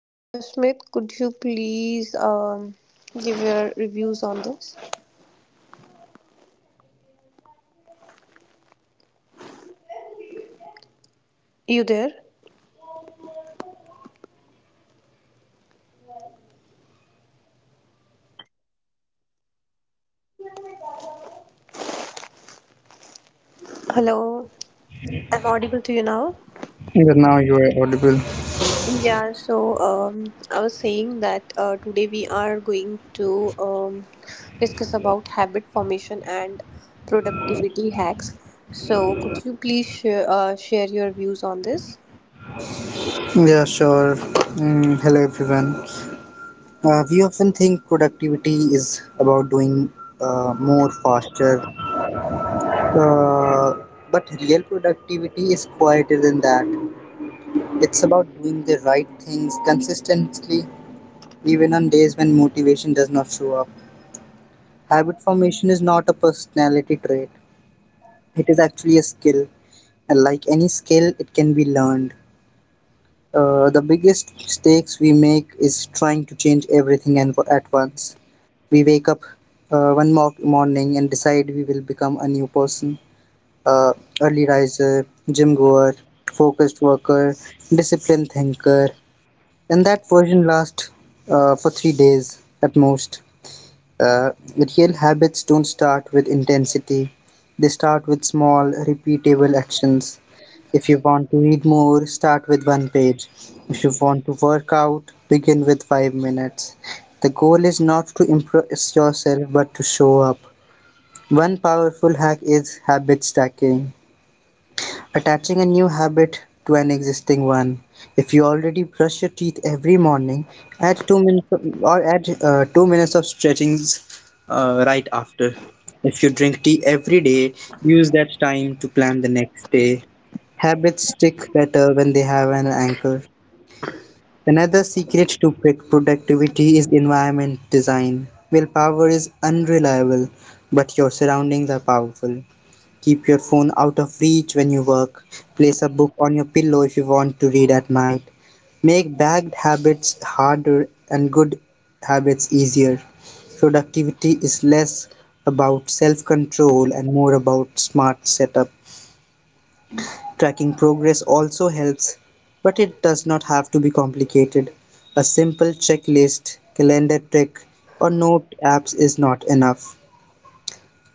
So Ashmit, could you please give your reviews on this? You there? Hello, I'm audible to you now. Yeah, now you are audible. Yeah, so I was saying that today we are going to discuss about habit formation and productivity hacks. So, could you please share your views on this? Yeah, sure. Mm, hello, everyone. We often think productivity is about doing more faster, uh, but real productivity is quieter than that. It's about doing the right things consistently, even on days when motivation does not show up. Habit formation is not a personality trait, it is actually a skill. And like any skill, it can be learned. The biggest mistakes we make is trying to change everything and at once. We wake up morning and decide we will become a new person. Uh, Early riser, gym goer, focused worker, disciplined thinker, and that version lasts for 3 days at most. Uh, Real habits don't start with intensity, they start with small, repeatable actions. If you want to read more, start with one page. If you want to work out, begin with 5 minutes. The goal is not to impress yourself but to show up. One powerful hack is habit stacking. Attaching a new habit to an existing one. If you already brush your teeth every morning, add two minutes of- or add 2 minutes of stretchings right after. If you drink tea every day, use that time to plan the next day. Habits stick better when they have an anchor. Another secret to pick productivity is environment design. Willpower is unreliable, but your surroundings are powerful. Keep your phone out of reach when you work. Place a book on your pillow if you want to read at night. Make bad habits harder and good habits easier. Productivity is less about self control and more about smart setup. Tracking progress also helps, but it does not have to be complicated. A simple checklist, calendar trick, or note apps is not enough.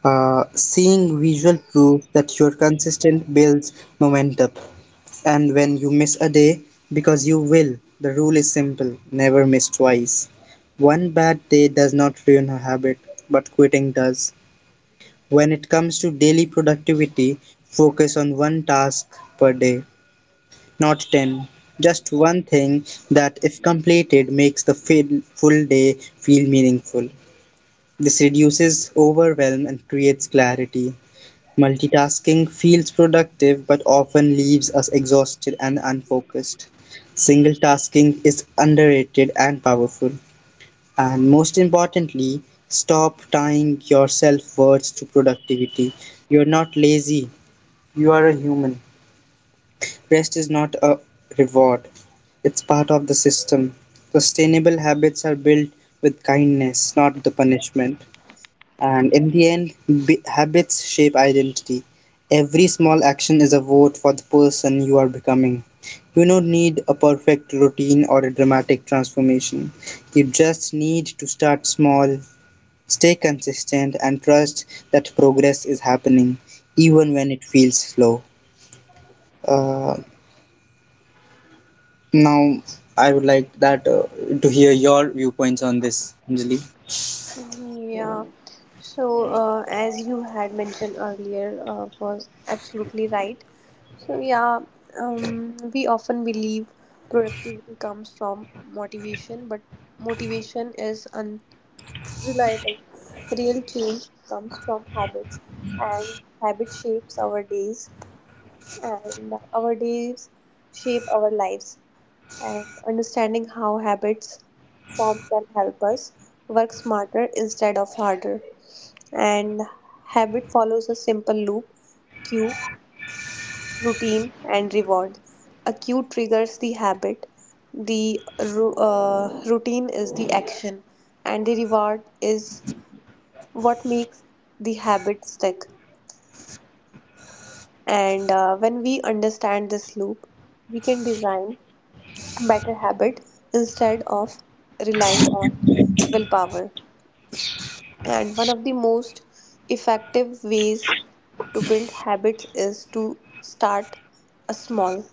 Seeing visual proof that you're consistent builds momentum. And when you miss a day, because you will, the rule is simple never miss twice. One bad day does not ruin a habit, but quitting does. When it comes to daily productivity, focus on one task per day, not 10. Just one thing that, if completed, makes the full day feel meaningful. This reduces overwhelm and creates clarity. Multitasking feels productive but often leaves us exhausted and unfocused. Single tasking is underrated and powerful. And most importantly, stop tying your self worth to productivity. You're not lazy, you are a human. Rest is not a reward, it's part of the system. Sustainable habits are built with kindness, not the punishment. And in the end, habits shape identity. Every small action is a vote for the person you are becoming. You don't need a perfect routine or a dramatic transformation. You just need to start small, stay consistent, and trust that progress is happening, even when it feels slow. Uh, Now, I would like that to hear your viewpoints on this, Anjali. Yeah, so as you had mentioned earlier, was absolutely right. So yeah, we often believe productivity comes from motivation, but motivation is reliable. Real change comes from habits, and habit shapes our days, and our days shape our lives. And understanding how habits form can help us work smarter instead of harder. And habit follows a simple loop cue, routine, and reward. A cue triggers the habit, the routine is the action, and the reward is what makes the habit stick. And when we understand this loop, we can design better habit instead of relying on willpower. And one of the most effective ways to build habits is to start a small.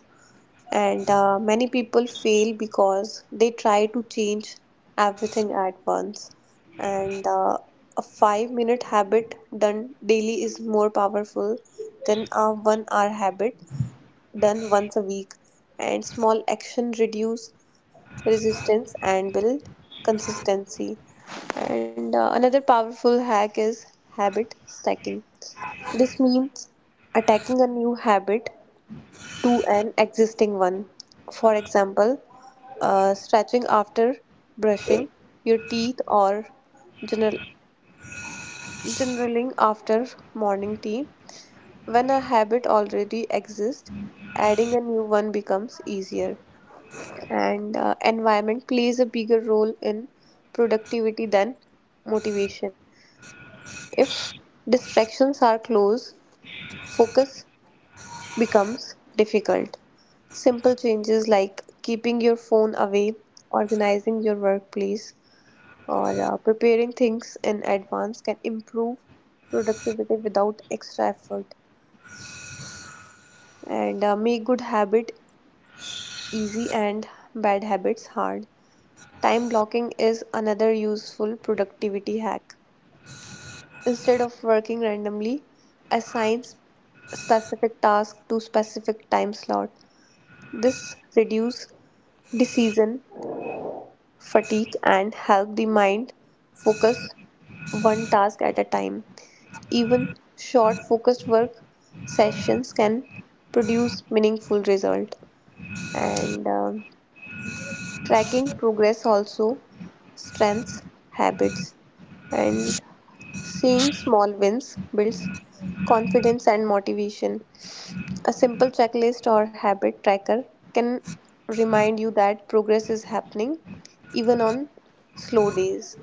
And many people fail because they try to change everything at once, and a 5-minute habit done daily is more powerful than a 1 hour habit done once a week, and small action reduce resistance and build consistency. And another powerful hack is habit stacking. This means attacking a new habit to an existing one. For example, stretching after brushing your teeth or general generaling after morning tea. When a habit already exists, adding a new one becomes easier. And environment plays a bigger role in productivity than motivation. If distractions are close, focus becomes difficult. Simple changes like keeping your phone away, organizing your workplace, or preparing things in advance can improve productivity without extra effort, and make good habit easy and bad habits hard. Time blocking is another useful productivity hack. Instead of working randomly, assign specific tasks to specific time slot. This reduce decision fatigue and help the mind focus one task at a time. Even short focused work sessions can produce meaningful result. And tracking progress also strengths habits, and seeing small wins builds confidence and motivation. A simple checklist or habit tracker can remind you that progress is happening even on slow days.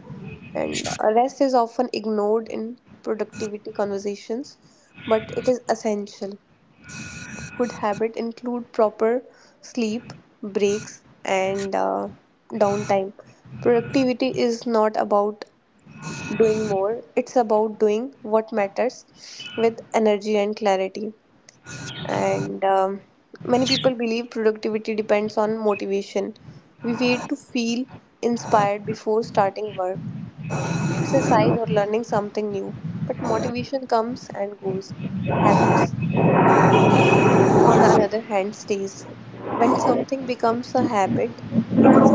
And rest is often ignored in productivity conversations, but it is essential. Good habit include proper sleep breaks and downtime. Productivity is not about doing more, it's about doing what matters with energy and clarity. And many people believe productivity depends on motivation. We wait to feel inspired before starting work, exercise, or learning something new, but motivation comes and goes. Habits, on the other hand, stays. When something becomes a habit, it's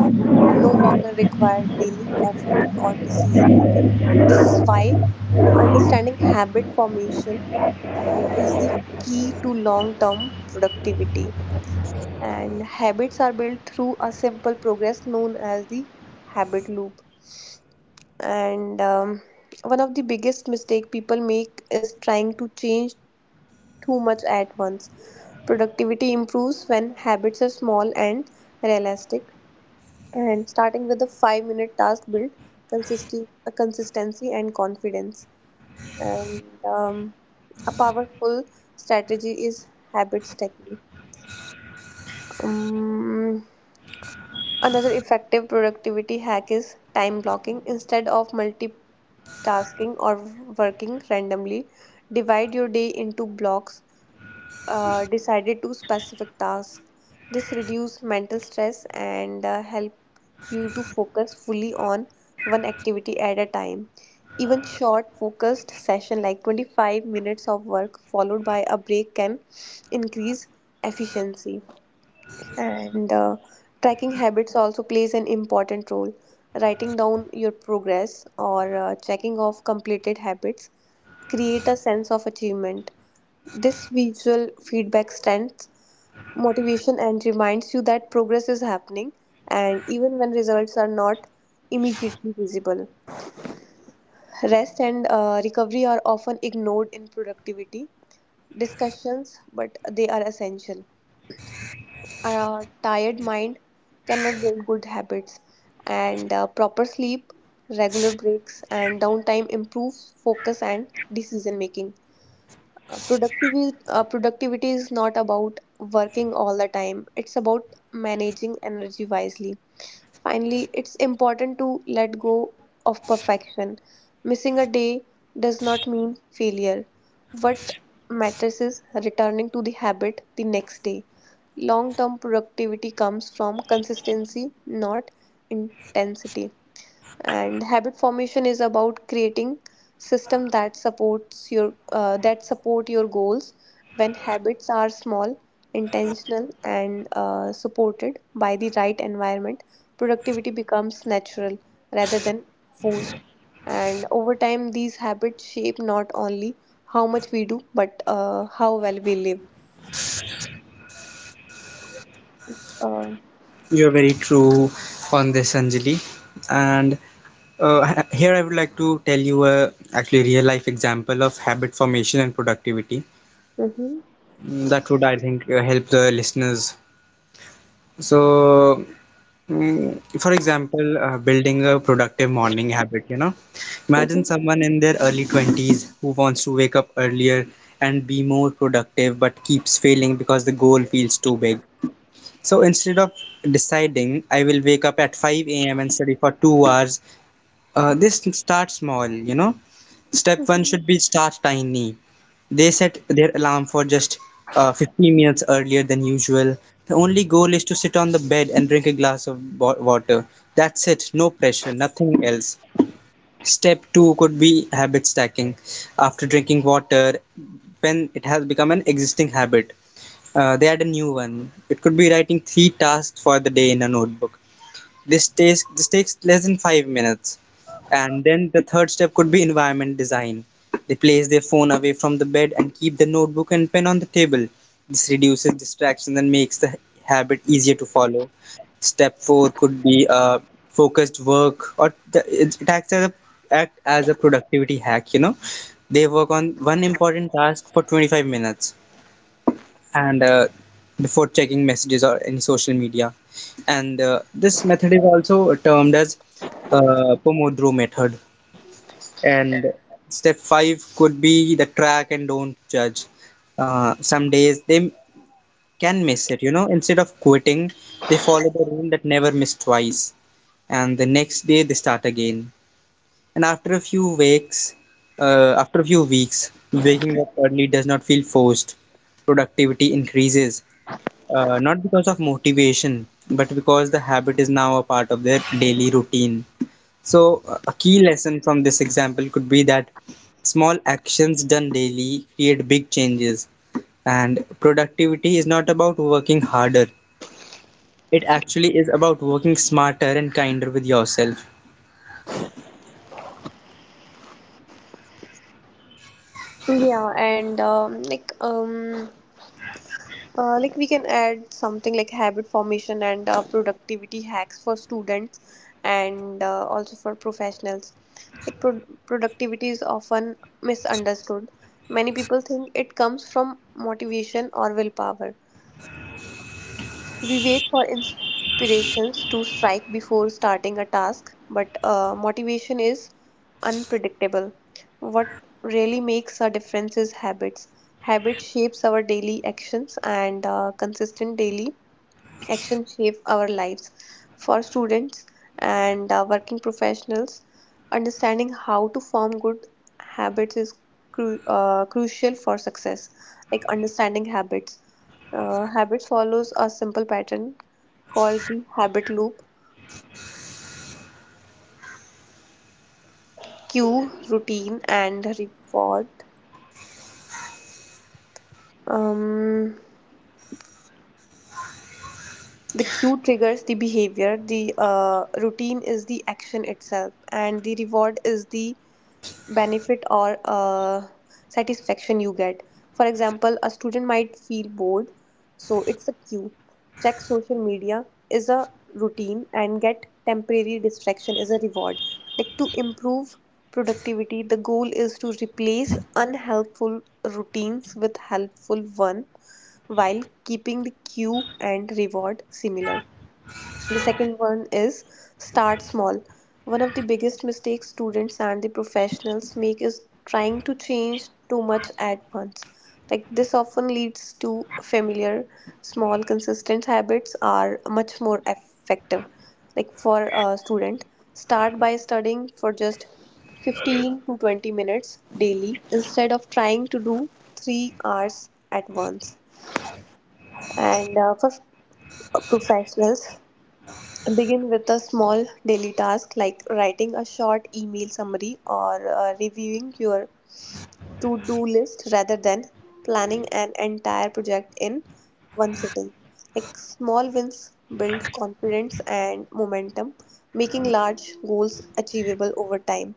no longer required daily effort or decision making. This is why understanding habit formation is the key to long term productivity, and habits are built through a simple progress known as the habit loop. And one of the biggest mistake people make is trying to change too much at once. Productivity improves when habits are small and realistic, and starting with a 5-minute task build consistency and confidence. And a powerful strategy is habit stacking. um, Another effective productivity hack is time blocking, instead of multi tasking or working randomly. Divide your day into blocks decided to specific tasks. This reduces mental stress and help you to focus fully on one activity at a time. Even short focused session like 25 minutes of work followed by a break can increase efficiency. And tracking habits also plays an important role. Writing down your progress, or checking off completed habits, create a sense of achievement. This visual feedback strengthens motivation and reminds you that progress is happening, and even when results are not immediately visible. Rest and recovery are often ignored in productivity discussions, but they are essential. A tired mind cannot build good habits, and proper sleep, regular breaks, and downtime improves focus and decision making. Productivity is not about working all the time, it's about managing energy wisely. Finally, it's important to let go of perfection. Missing a day does not mean failure. What matters is returning to the habit the next day. Long term productivity comes from consistency, not intensity, and habit formation is about creating system that supports your that support your goals. When habits are small, intentional, and supported by the right environment, productivity becomes natural rather than forced, and over time these habits shape not only how much we do but how well we live. uh, You're very true on this, Anjali. And here I would like to tell you a actually real life example of habit formation and productivity. mhm, Mm, that would, I think, help the listeners. So, mm, for example, building a productive morning habit, you know, imagine mhm, someone in their early 20s who wants to wake up earlier and be more productive but keeps failing because the goal feels too big. So instead of deciding I will wake up at 5 a.m. and study for 2 hours, this start small, you know. Step one mhm. should be start tiny. They set their alarm for just 15 minutes earlier than usual. The only goal is to sit on the bed and drink a glass of water. That's it, no pressure, nothing else. Step two could be habit stacking. After drinking water, when it has become an existing habit, they add a new one. It could be writing three tasks for the day in a notebook. This takes less than 5 minutes. And then the third step could be environment design. They place their phone away from the bed and keep the notebook and pen on the table. This reduces distraction and makes the habit easier to follow. Step four could be focused work, or it acts as a productivity hack. You know, they work on one important task for 25 minutes and before checking messages or any social media. And this method is also termed as Pomodoro method. And step five could be the track and don't judge. Some days they can miss it, you know. Instead of quitting, they follow the rule that never miss twice. And the next day they start again. And after a few weeks, waking up early does not feel forced. Productivity increases not because of motivation, but because the habit is now a part of their daily routine. So, a key lesson from this example could be that small actions done daily create big changes, and productivity is not about working harder. It actually is about working smarter and kinder with yourself. Yeah, and like we can add something like habit formation and productivity hacks for students and also for professionals. Like productivity is often misunderstood. Many people think it comes from motivation or willpower. We wait for inspirations to strike before starting a task, but motivation is unpredictable. What really makes a difference is habits. Habit shapes our daily actions, and consistent daily action shape our lives. For students and working professionals, understanding how to form good habits is crucial for success. Like understanding habits. Habits follows a simple pattern called the habit loop. Cue, routine, and reward. Um, the cue triggers the behavior. The routine is the action itself, and the reward is the benefit or satisfaction you get. For example, a student might feel bored, so it's a cue. Check social media is a routine and get temporary distraction is a reward. Like to improve productivity, the goal is to replace unhelpful routines with helpful one while keeping the cue and reward similar. The second one is start small. One of the biggest mistakes students and the professionals make is trying to change too much at once. Like this often leads to familiar, small, consistent habits are much more effective. Like for a student, start by studying for just 15 to 20 minutes daily instead of trying to do 3 hours at once. And for professionals, begin with a small daily task like writing a short email summary or reviewing your to do list rather than planning an entire project in one sitting. Like small wins build confidence and momentum, making large goals achievable over time.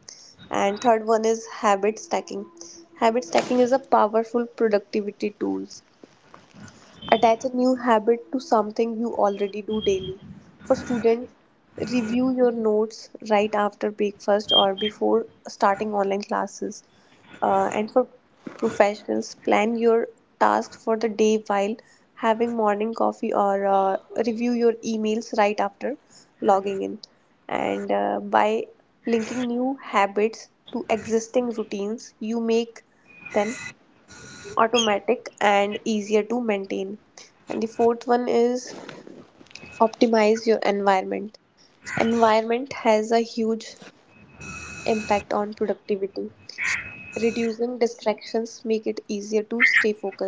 And third one is habit stacking. Habit stacking is a powerful productivity tool. Attach a new habit to something you already do daily. For students, review your notes right after breakfast or before starting online classes. And for professionals, plan your tasks for the day while having morning coffee, or review your emails right after logging in. And by linking new habits to existing routines, you make then automatic and easier to maintain. And the fourth one is optimize your environment. Environment has a huge impact on productivity. Reducing distractions make it easier to stay focused.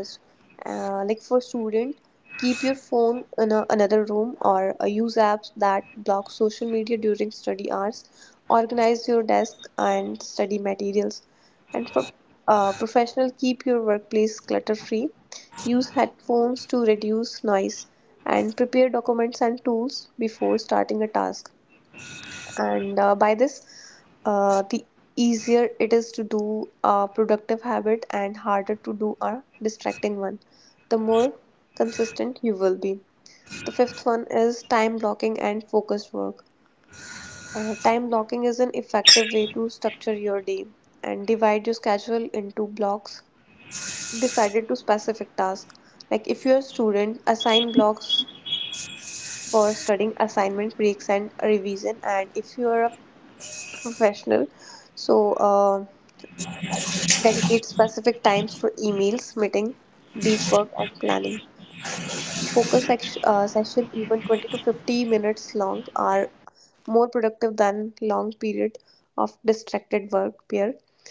Like for student, keep your phone in another room, or use apps that block social media during study hours. Organize your desk and study materials, and for professional, keep your workplace clutter free, use headphones to reduce noise, and prepare documents and tools before starting a task. And by this the easier it is to do a productive habit and harder to do a distracting one, the more consistent you will be. The fifth one is time blocking and focused work. Time blocking is an effective way to structure your day and divide your schedule into blocks decided to specific tasks. Like if you're a student, assign blocks for studying, assignment breaks, and revision. And if you're a professional. So, dedicate specific times for emails, meeting, deep work, and planning. Focus session, even 20 to 50 minutes long, are more productive than long period of distracted work. Pair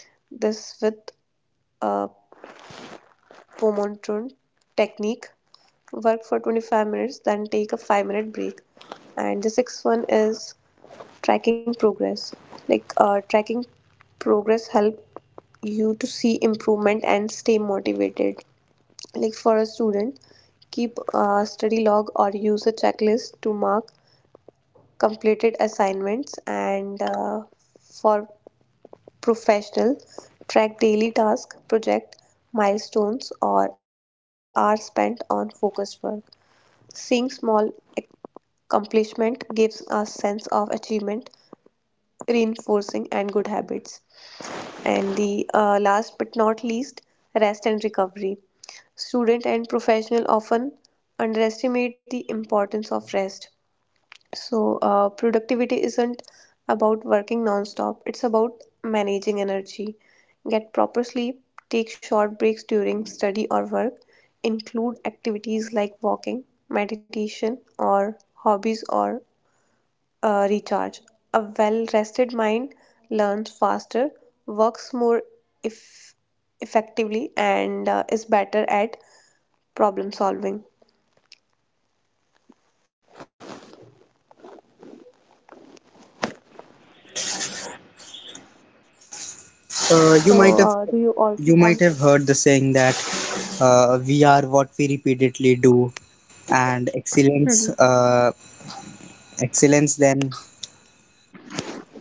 this with a Pomodoro technique. Work for 25 minutes, then take a 5-minute break. And the sixth one is tracking progress. Like tracking progress help you to see improvement and stay motivated. Like for a student, keep a study log or use a checklist to mark completed assignments, and for professional, track daily task project milestones or hours spent on focused work. Seeing small accomplishment gives a sense of achievement, reinforcing and good habits. And the last but not least, rest and recovery. Student and professional often underestimate the importance of rest. So, productivity isn't about working non-stop. It's about managing energy. Get proper sleep, take short breaks during study or work, include activities like walking, meditation, or hobbies or recharge. A well rested mind learns faster, works more if effectively, and is better at problem solving. So, do you Uh, you also might have want to? you might have heard the saying that we are what we repeatedly do, and excellence excellence then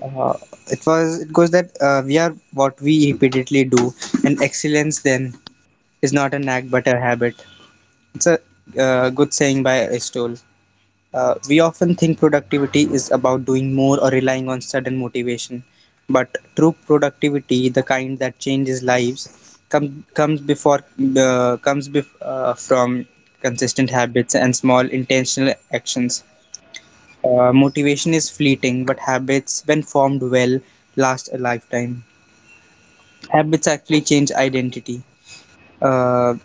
Uh, it was it goes that we are what we repeatedly do, and excellence then is not a knack but a habit. It's a good saying by Aristotle. We often think productivity is about doing more or relying on sudden motivation, but true productivity, the kind that changes lives, comes comes before comes from consistent habits and small intentional actions. Motivation is fleeting, but habits, when formed well, last a lifetime. Habits actually change identity. Uh,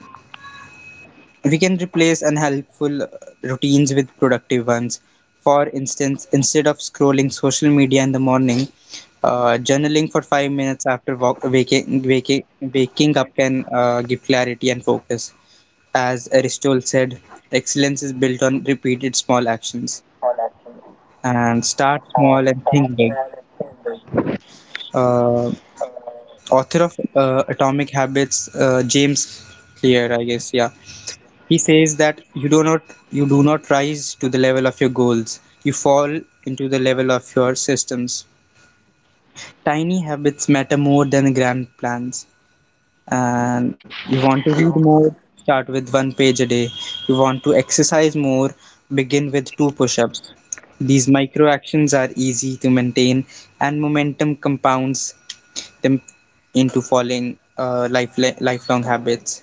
we can replace unhelpful routines with productive ones. For instance, instead of scrolling social media in the morning, journaling for 5 minutes after waking up can give clarity and focus. As Aristotle said, excellence is built on repeated small actions. And start small and think big. Uh, Author of Atomic Habits, James Clear, I guess, yeah. He says that you do not rise to the level of your goals. You fall into the level of your systems. Tiny habits matter more than grand plans. And you want to read more, start with one page a day. You want to exercise more, begin with two push-ups. These micro actions are easy to maintain and momentum compounds them into following lifelong habits.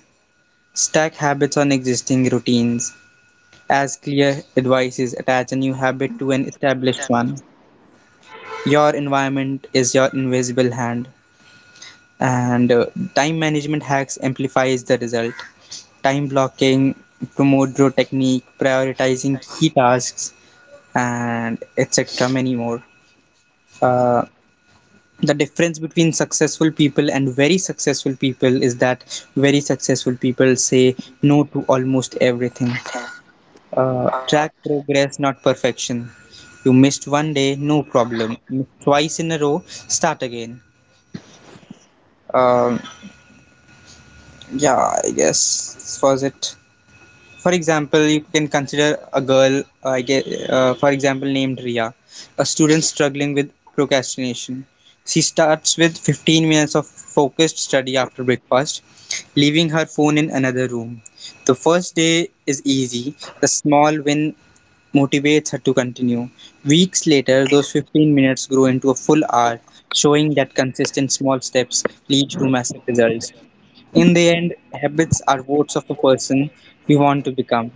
Stack habits on existing routines. As clear advice is attach a new habit to an established one. Your environment is your invisible hand, and time management hacks amplifies the result. Time blocking, Pomodoro technique, prioritizing key tasks, and etc. Many more. Uh, the difference between successful people and very successful people is that very successful people say no to almost everything. Track progress, not perfection. You missed 1 day, no problem. Missed twice in a row, start again. Um, yeah, I guess this was it. For example, you can consider a girl, for example, named Ria, a student struggling with procrastination. She starts with 15 minutes of focused study after breakfast, leaving her phone in another room. The first day is easy, the small win motivates her to continue. Weeks later, those 15 minutes grow into a full hour, showing that consistent small steps lead to massive results. In the end, habits are votes of a person you want to become.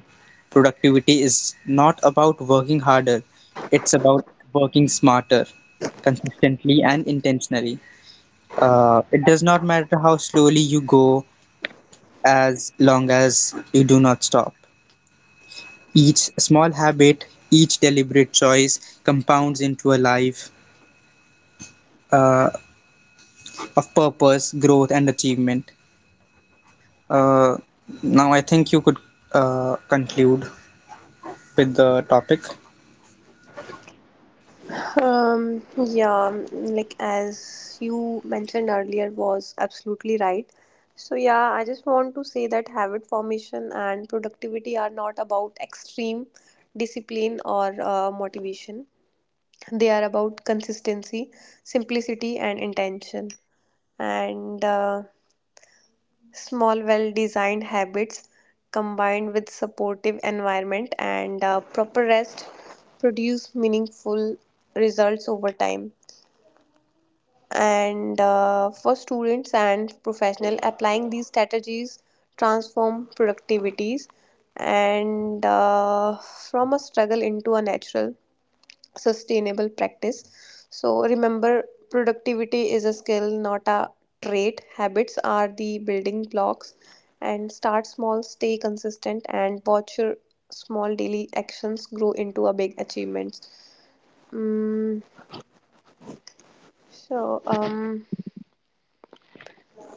Productivity is not about working harder, it's about working smarter, consistently and intentionally. It does not matter how slowly you go as long as you do not stop. Each small habit, each deliberate choice compounds into a life uh, of purpose, growth, and achievement. Uh, Now, I think you could conclude with the topic. Yeah, like as you mentioned earlier, was absolutely right. So, yeah, I just want to say that habit formation and productivity are not about extreme discipline or motivation. They are about consistency, simplicity, and intention. And small, well designed habits combined with supportive environment and proper rest produce meaningful results over time. And for students and professional, applying these strategies transform productivities and from a struggle into a natural sustainable practice. So remember, productivity is a skill, not a trait. Habits are the building blocks, and start small, stay consistent, and watch your small daily actions grow into a big achievements. Mm, so um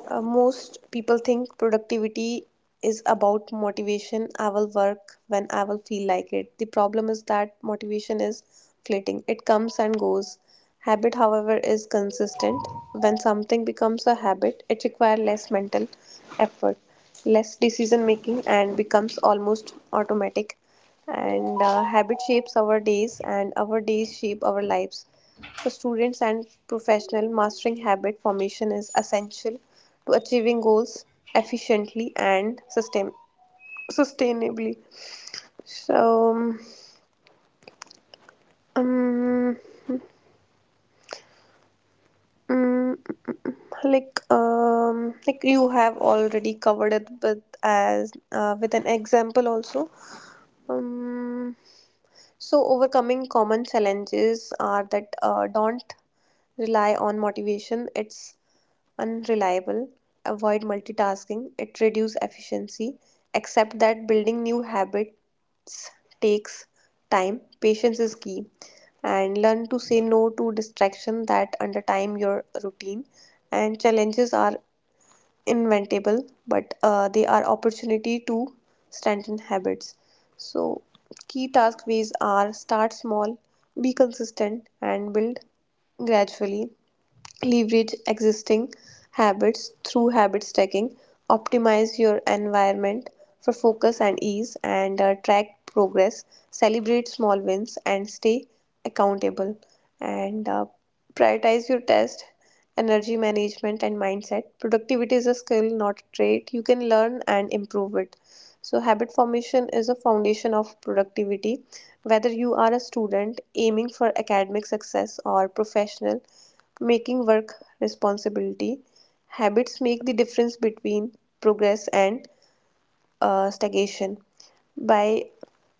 Uh, most people think productivity is about motivation. I will work when I will feel like it. The problem is that motivation is fleeting, it comes and goes. Habit, however, is consistent. When something becomes a habit, it requires less mental effort, less decision making, and becomes almost automatic. And habit shapes our days, and our days shape our lives. For students and professionals, mastering habit formation is essential to achieving goals efficiently and sustainably. So, um, mm, like you have already covered it, but as with an example also. um so overcoming common challenges are that don't rely on motivation. It's unreliable, avoid multitasking, it reduces efficiency. Except that building new habits takes time, patience is key, and learn to say no to distraction that undermine your routine. And challenges are inventable, but they are opportunity to strengthen habits. So, key task ways are start small, be consistent, and build gradually. Leverage existing habits through habit stacking, optimize your environment for focus and ease, and track progress, celebrate small wins, and stay accountable. And prioritize your tasks energy management and mindset. Productivity is a skill, not a trait, you can learn and improve it. So habit formation is a foundation of productivity, whether you are a student aiming for academic success or professional making work responsibility. Habits make the difference between progress and stagnation. By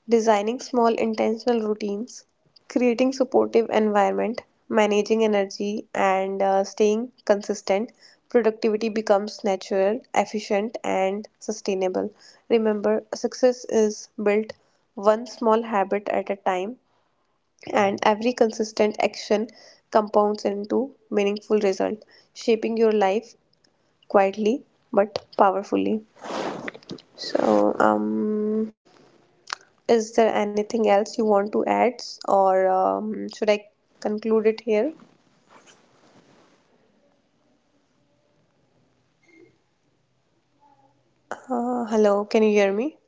designing small intentional routines, creating supportive environment, managing energy, and staying consistent, productivity becomes natural, efficient, and sustainable. Remember, success is built one small habit at a time, and every consistent action compounds into meaningful result, shaping your life quietly but powerfully. So, is there anything else you want to add, or should I conclude it here? Hello, can you hear me?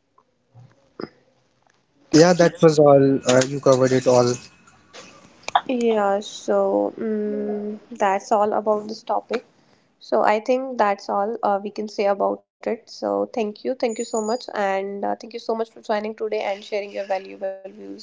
Yeah, that was all. You covered it all. Yeah, so that's all about this topic. So I think that's all we can say about it. So thank you so much, and thank you so much for joining today and sharing your valuable views.